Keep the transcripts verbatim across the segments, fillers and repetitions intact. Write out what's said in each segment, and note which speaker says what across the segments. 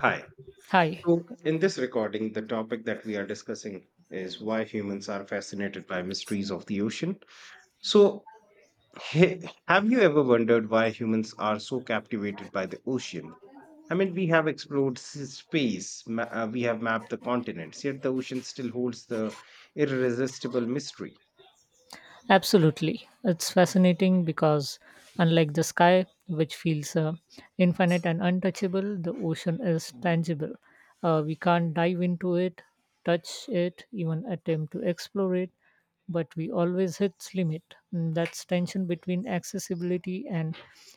Speaker 1: Hi.
Speaker 2: Hi,
Speaker 1: So, in this recording, the topic that we are discussing is why humans are fascinated by mysteries of the ocean. So, he- have you ever wondered why humans are so captivated by the ocean? I mean, we have explored s- space, ma- uh, we have mapped the continents, yet the ocean still holds the irresistible mystery.
Speaker 2: absolutely. It's fascinating because, unlike the sky, which feels uh, infinite and untouchable, the ocean is tangible. Uh, we can't dive into it, touch it, even attempt to explore it, but we always hit its limit. And that's tension between accessibility and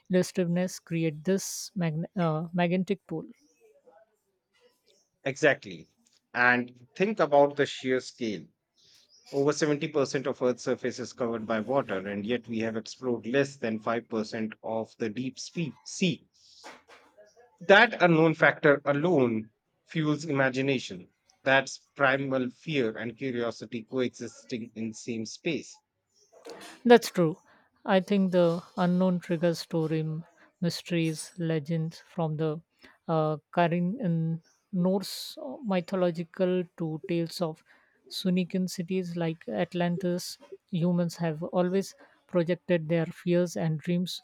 Speaker 2: illusiveness create this magne- uh, magnetic pole.
Speaker 1: Exactly. And think about the sheer scale. Over seventy percent of Earth's surface is covered by water, and yet we have explored less than five percent of the deep spe- sea. That unknown factor alone fuels imagination. That's primal fear and curiosity coexisting in same space.
Speaker 2: That's true. I think the unknown triggers story m- mysteries, legends from the uh, Karin in Norse mythological to tales of Sunican cities like Atlantis. Humans have always projected their fears and dreams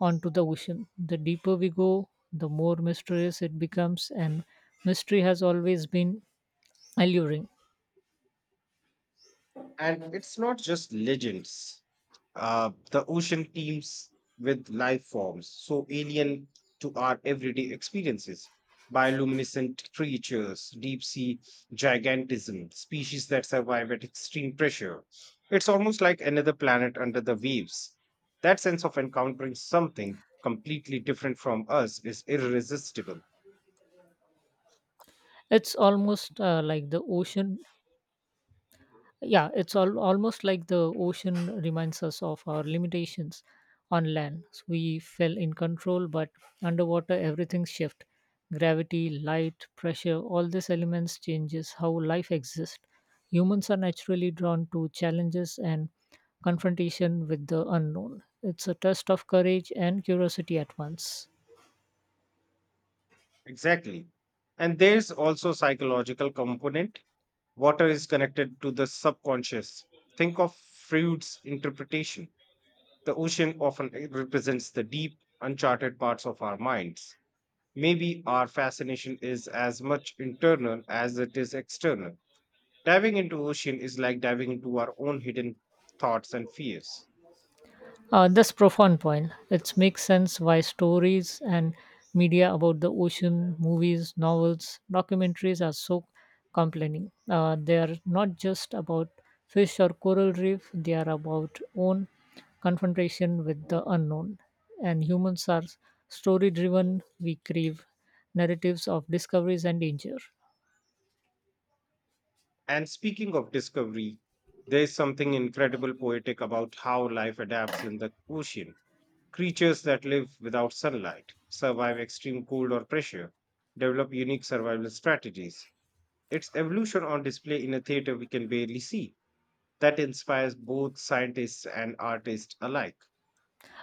Speaker 2: onto the ocean. The deeper we go, the more mysterious it becomes, and mystery has always been alluring.
Speaker 1: And it's not just legends. Uh, the ocean teems with life forms so alien to our everyday experiences. Bioluminescent creatures, deep sea gigantism, species that survive at extreme pressure. It's almost like another planet under the waves. That sense of encountering something completely different from us is irresistible.
Speaker 2: It's almost uh, like the ocean Yeah, it's all almost like the ocean reminds us of our limitations on land. So we fell in control, but underwater everything shifts. Gravity, light, pressure, all these elements changes how life exists. Humans are naturally drawn to challenges and confrontation with the unknown. It's a test of courage and curiosity at once.
Speaker 1: Exactly. And there's also psychological component. Water is connected to the subconscious. Think of Freud's interpretation. The ocean often represents the deep, uncharted parts of our minds. Maybe our fascination is as much internal as it is external. Diving into ocean is like diving into our own hidden thoughts and fears.
Speaker 2: Uh, that's profound point. It makes sense why stories and media about the ocean, movies, novels, documentaries are so compelling. Uh, they are not just about fish or coral reef; they are about own confrontation with the unknown. And humans are story-driven. We crave narratives of discoveries and danger.
Speaker 1: And speaking of discovery, there is something incredible poetic about how life adapts in the ocean. Creatures that live without sunlight, survive extreme cold or pressure, develop unique survival strategies, its evolution on display in a theater we can barely see. That inspires both scientists and artists alike.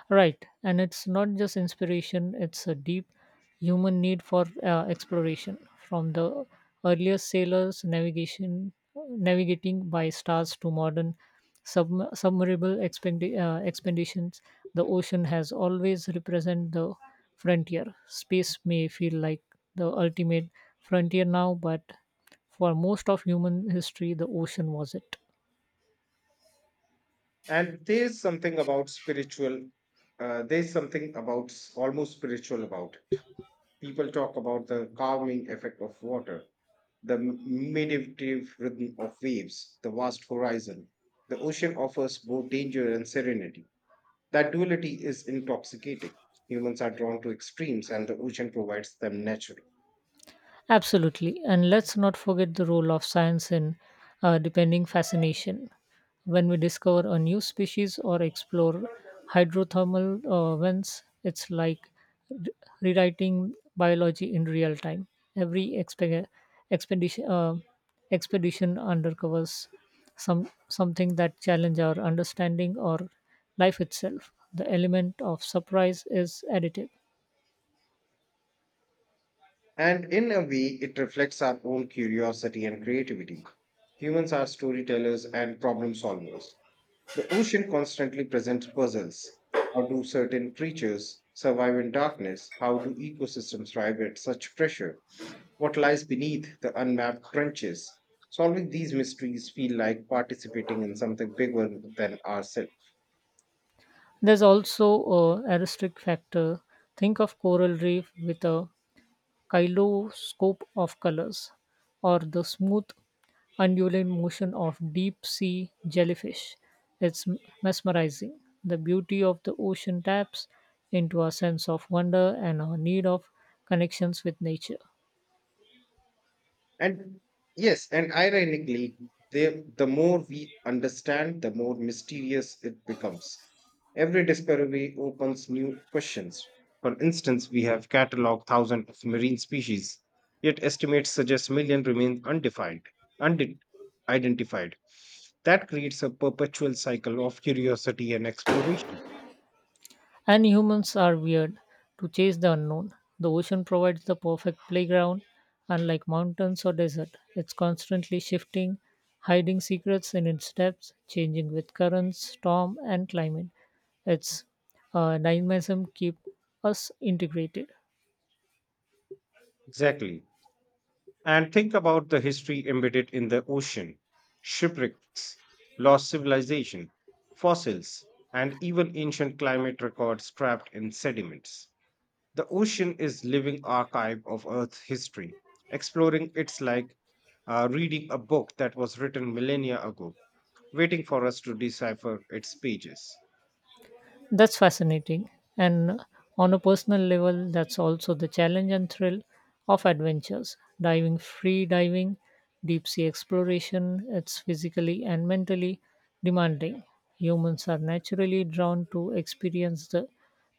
Speaker 2: Right, and it's not just inspiration, it's a deep human need for uh, exploration. From the earliest sailors navigation navigating by stars to modern sub- submersible expendi- uh, expeditions, the ocean has always represented the frontier. Space may feel like the ultimate frontier now, but for most of human history, the ocean was it.
Speaker 1: And there's something about spiritual, uh, there's something about s- almost spiritual about it. People talk about the calming effect of water, the m- meditative rhythm of waves, the vast horizon. The ocean offers both danger and serenity. That duality is intoxicating. Humans are drawn to extremes, and the ocean provides them naturally.
Speaker 2: Absolutely. And let's not forget the role of science in uh, depending fascination. When we discover a new species or explore hydrothermal uh, vents, it's like re- rewriting biology in real time. Every expe- expedition, uh, expedition undercovers some something that challenge our understanding or life itself. The element of surprise is additive.
Speaker 1: And in a way, it reflects our own curiosity and creativity. Humans are storytellers and problem solvers. The ocean constantly presents puzzles. How do certain creatures survive in darkness? How do ecosystems thrive at such pressure? What lies beneath the unmapped trenches? Solving these mysteries feel like participating in something bigger than ourselves.
Speaker 2: There's also a aristic factor. Think of coral reef with a kaleidoscope of colors, or the smooth, undulating motion of deep sea jellyfish. It's m- mesmerizing. The beauty of the ocean taps into our sense of wonder and our need of connections with nature.
Speaker 1: And yes, and ironically, they, the more we understand, the more mysterious it becomes. Every discovery opens new questions. For instance, we have cataloged thousands of marine species, yet estimates suggest million remain undefined, unidentified. That creates a perpetual cycle of curiosity and exploration.
Speaker 2: And humans are weird to chase the unknown. The ocean provides the perfect playground, unlike mountains or desert. It's constantly shifting, hiding secrets in its depths, changing with currents, storm, and climate. Its uh, dynamism keep us integrated.
Speaker 1: Exactly. And think about the history embedded in the ocean shipwrecks, lost civilization, fossils, and even ancient climate records trapped in sediments. The ocean is living archive of Earth's history. Exploring it's like uh, reading a book that was written millennia ago, waiting for us to decipher its pages.
Speaker 2: That's fascinating. And on a personal level, that's also the challenge and thrill of adventures. Diving, free diving, deep sea exploration, it's physically and mentally demanding. Humans are naturally drawn to experience the,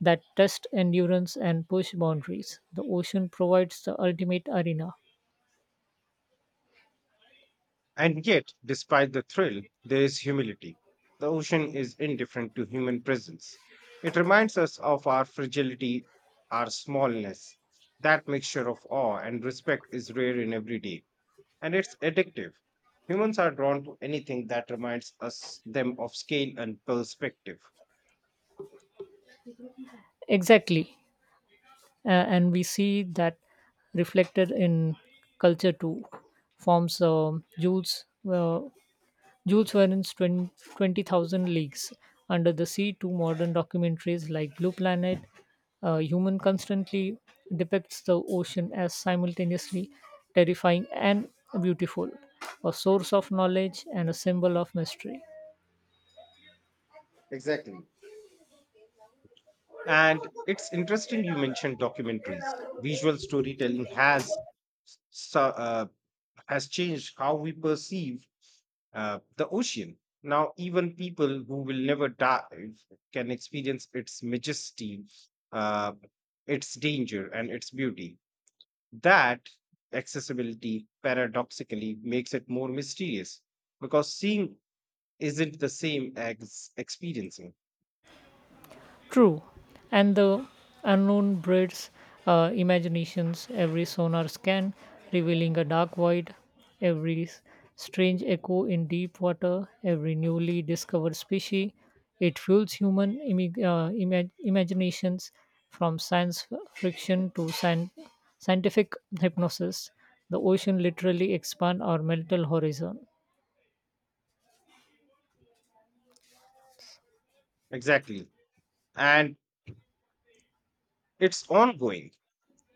Speaker 2: that test endurance and push boundaries. The ocean provides the ultimate arena.
Speaker 1: And yet, despite the thrill, there is humility. The ocean is indifferent to human presence. It reminds us of our fragility, our smallness. That mixture of awe and respect is rare in every day, and it's addictive. Humans are drawn to anything that reminds us them of scale and perspective.
Speaker 2: Exactly. Uh, and we see that reflected in culture too. Forms, um Jules, uh, Jules Verne's twen- twenty twenty thousand Leagues Under the Sea to modern documentaries like Blue Planet, uh, Human constantly depicts the ocean as simultaneously terrifying and beautiful, a source of knowledge and a symbol of mystery.
Speaker 1: Exactly. And it's interesting you mentioned documentaries. Visual storytelling has so- uh, has changed how we perceive uh, the ocean. Now, even people who will never dive can experience its majesty, uh, its danger, and its beauty. That accessibility paradoxically makes it more mysterious because seeing isn't the same as experiencing.
Speaker 2: True, and the unknown breeds uh, imaginations. Every sonar scan revealing a dark void, every s- strange echo in deep water, every newly discovered species. It fuels human imi- uh, imag- imaginations from science f- fiction to scien- scientific hypnosis. The ocean literally expands our mental horizon.
Speaker 1: Exactly. And it's ongoing.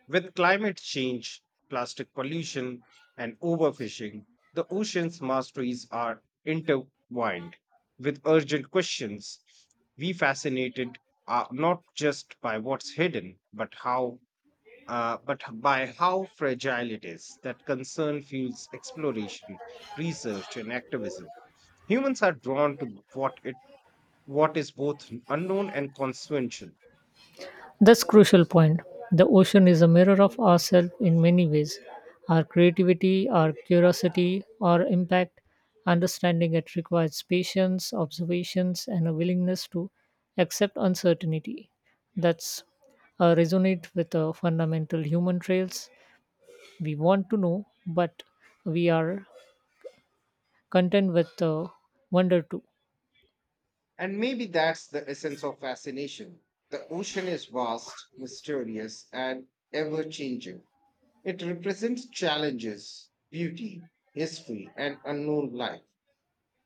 Speaker 1: With climate change, plastic pollution, and overfishing, the ocean's masteries are intertwined with urgent questions. We fascinated are not just by what's hidden, but how, uh, but by how fragile it is. That concern fuels exploration, research, and activism. Humans are drawn to what it, what is both unknown and consequential.
Speaker 2: That's crucial point. The ocean is a mirror of ourselves in many ways. Our creativity, our curiosity, our impact, understanding it requires patience, observations, and a willingness to accept uncertainty. That's uh, resonate with the fundamental human traits. We want to know, but we are content with the wonder too.
Speaker 1: And maybe that's the essence of fascination. The ocean is vast, mysterious, and ever changing. It represents challenges, beauty, history, and unknown life.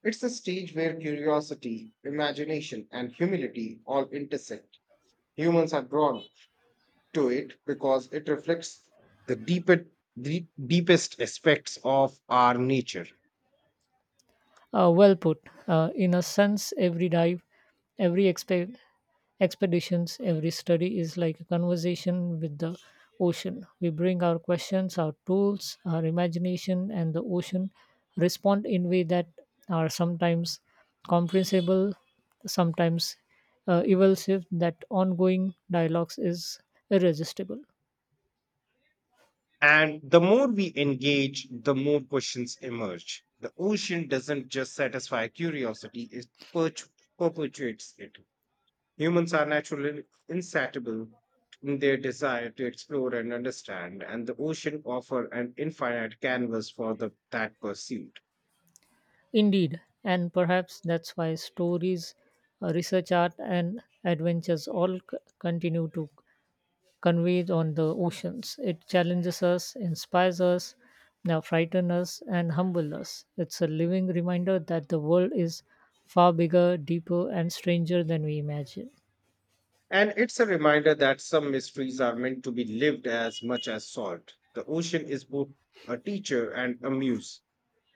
Speaker 1: It's a stage where curiosity, imagination, and humility all intersect. Humans are drawn to it because it reflects the deeper, deep, deepest aspects of our nature.
Speaker 2: Uh, well put. Uh, in a sense, every dive, every expe- expeditions, every study is like a conversation with the ocean. We bring our questions, our tools, our imagination, and the ocean respond in way that are sometimes comprehensible, sometimes uh, evasive. That ongoing dialogues is irresistible.
Speaker 1: And the more we engage, the more questions emerge. The ocean doesn't just satisfy curiosity, it perch- perpetuates it. Humans are naturally insatiable in their desire to explore and understand, and the ocean offers an infinite canvas for the, that pursuit.
Speaker 2: Indeed, and perhaps that's why stories, uh, research art, and adventures all c- continue to convey on the oceans. It challenges us, inspires us, now frightens us, and humbles us. It's a living reminder that the world is far bigger, deeper, and stranger than we imagine.
Speaker 1: And it's a reminder that some mysteries are meant to be lived as much as solved. The ocean is both a teacher and a muse,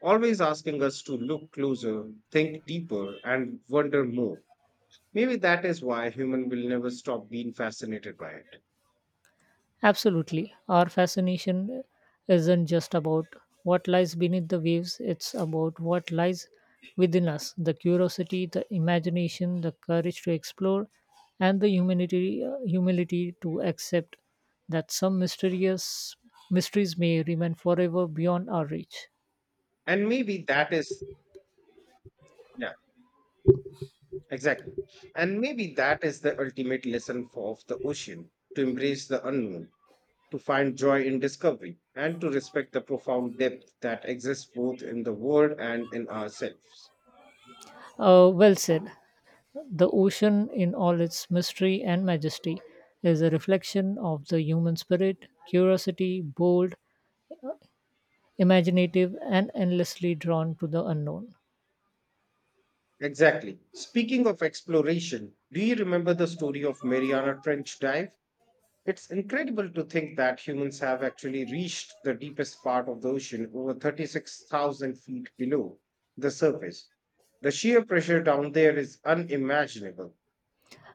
Speaker 1: always asking us to look closer, think deeper, and wonder more. Maybe that is why human will never stop being fascinated by it.
Speaker 2: Absolutely. Our fascination isn't just about what lies beneath the waves, it's about what lies within us the curiosity, the imagination, the courage to explore, and the humility, humility to accept that some mysterious mysteries may remain forever beyond our reach.
Speaker 1: And maybe that is, yeah, Exactly. And maybe that is the ultimate lesson for, of the ocean to embrace the unknown, to find joy in discovery, and to respect the profound depth that exists both in the world and in ourselves.
Speaker 2: Uh, well said. The ocean, in all its mystery and majesty, is a reflection of the human spirit, curiosity, bold, imaginative and endlessly drawn to the unknown.
Speaker 1: Exactly. Speaking of exploration, do you remember the story of Mariana Trench Dive? It's incredible to think that humans have actually reached the deepest part of the ocean over thirty-six thousand feet below the surface. The sheer pressure down there is unimaginable,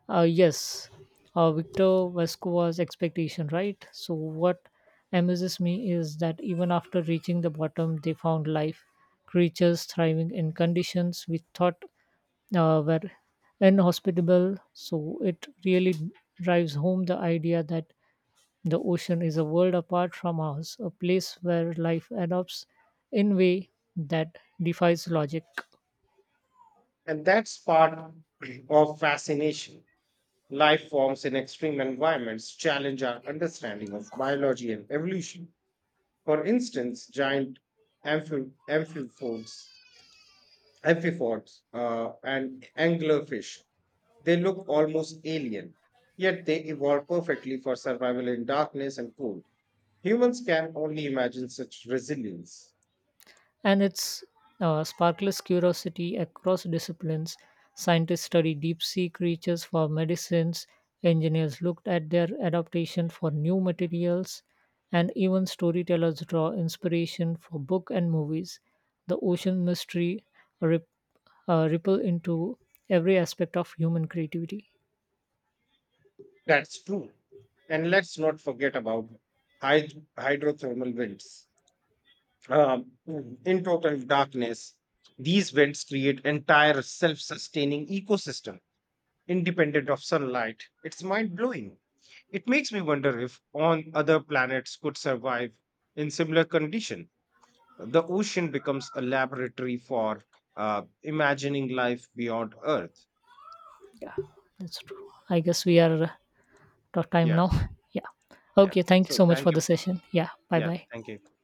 Speaker 2: Uh, yes, uh, Victor Vasco expectation, right? So what amazes me is that even after reaching the bottom, they found life, creatures thriving in conditions we thought uh, were inhospitable. So it really drives home the idea that the ocean is a world apart from ours, a place where life adopts in way that defies logic.
Speaker 1: and that's part of fascination. Life forms in extreme environments challenge our understanding of biology and evolution. For instance, giant amphi- amphipods, amphipods uh, and anglerfish, they look almost alien, yet they evolved perfectly for survival in darkness and cold. Humans can only imagine such resilience.
Speaker 2: and its uh, sparkless curiosity across disciplines. Scientists studied deep sea creatures for medicines, engineers looked at their adaptation for new materials, and even storytellers draw inspiration for book and movies. The ocean mystery rip, uh, ripple into every aspect of human creativity.
Speaker 1: That's true. And let's not forget about hyd- hydrothermal winds um, in total darkness. These vents create entire self-sustaining ecosystem independent of sunlight. It's mind-blowing. It makes me wonder if on other planets could survive in similar condition. The ocean becomes a laboratory for uh, imagining life beyond Earth.
Speaker 2: Yeah, that's true. I guess we are uh, out of time
Speaker 1: Yeah,
Speaker 2: now. Yeah.
Speaker 1: yeah.
Speaker 2: Okay, thank you
Speaker 1: So
Speaker 2: so much for
Speaker 1: thank
Speaker 2: the
Speaker 1: you.
Speaker 2: session. Yeah, bye
Speaker 1: Yeah,
Speaker 2: bye.
Speaker 1: thank you.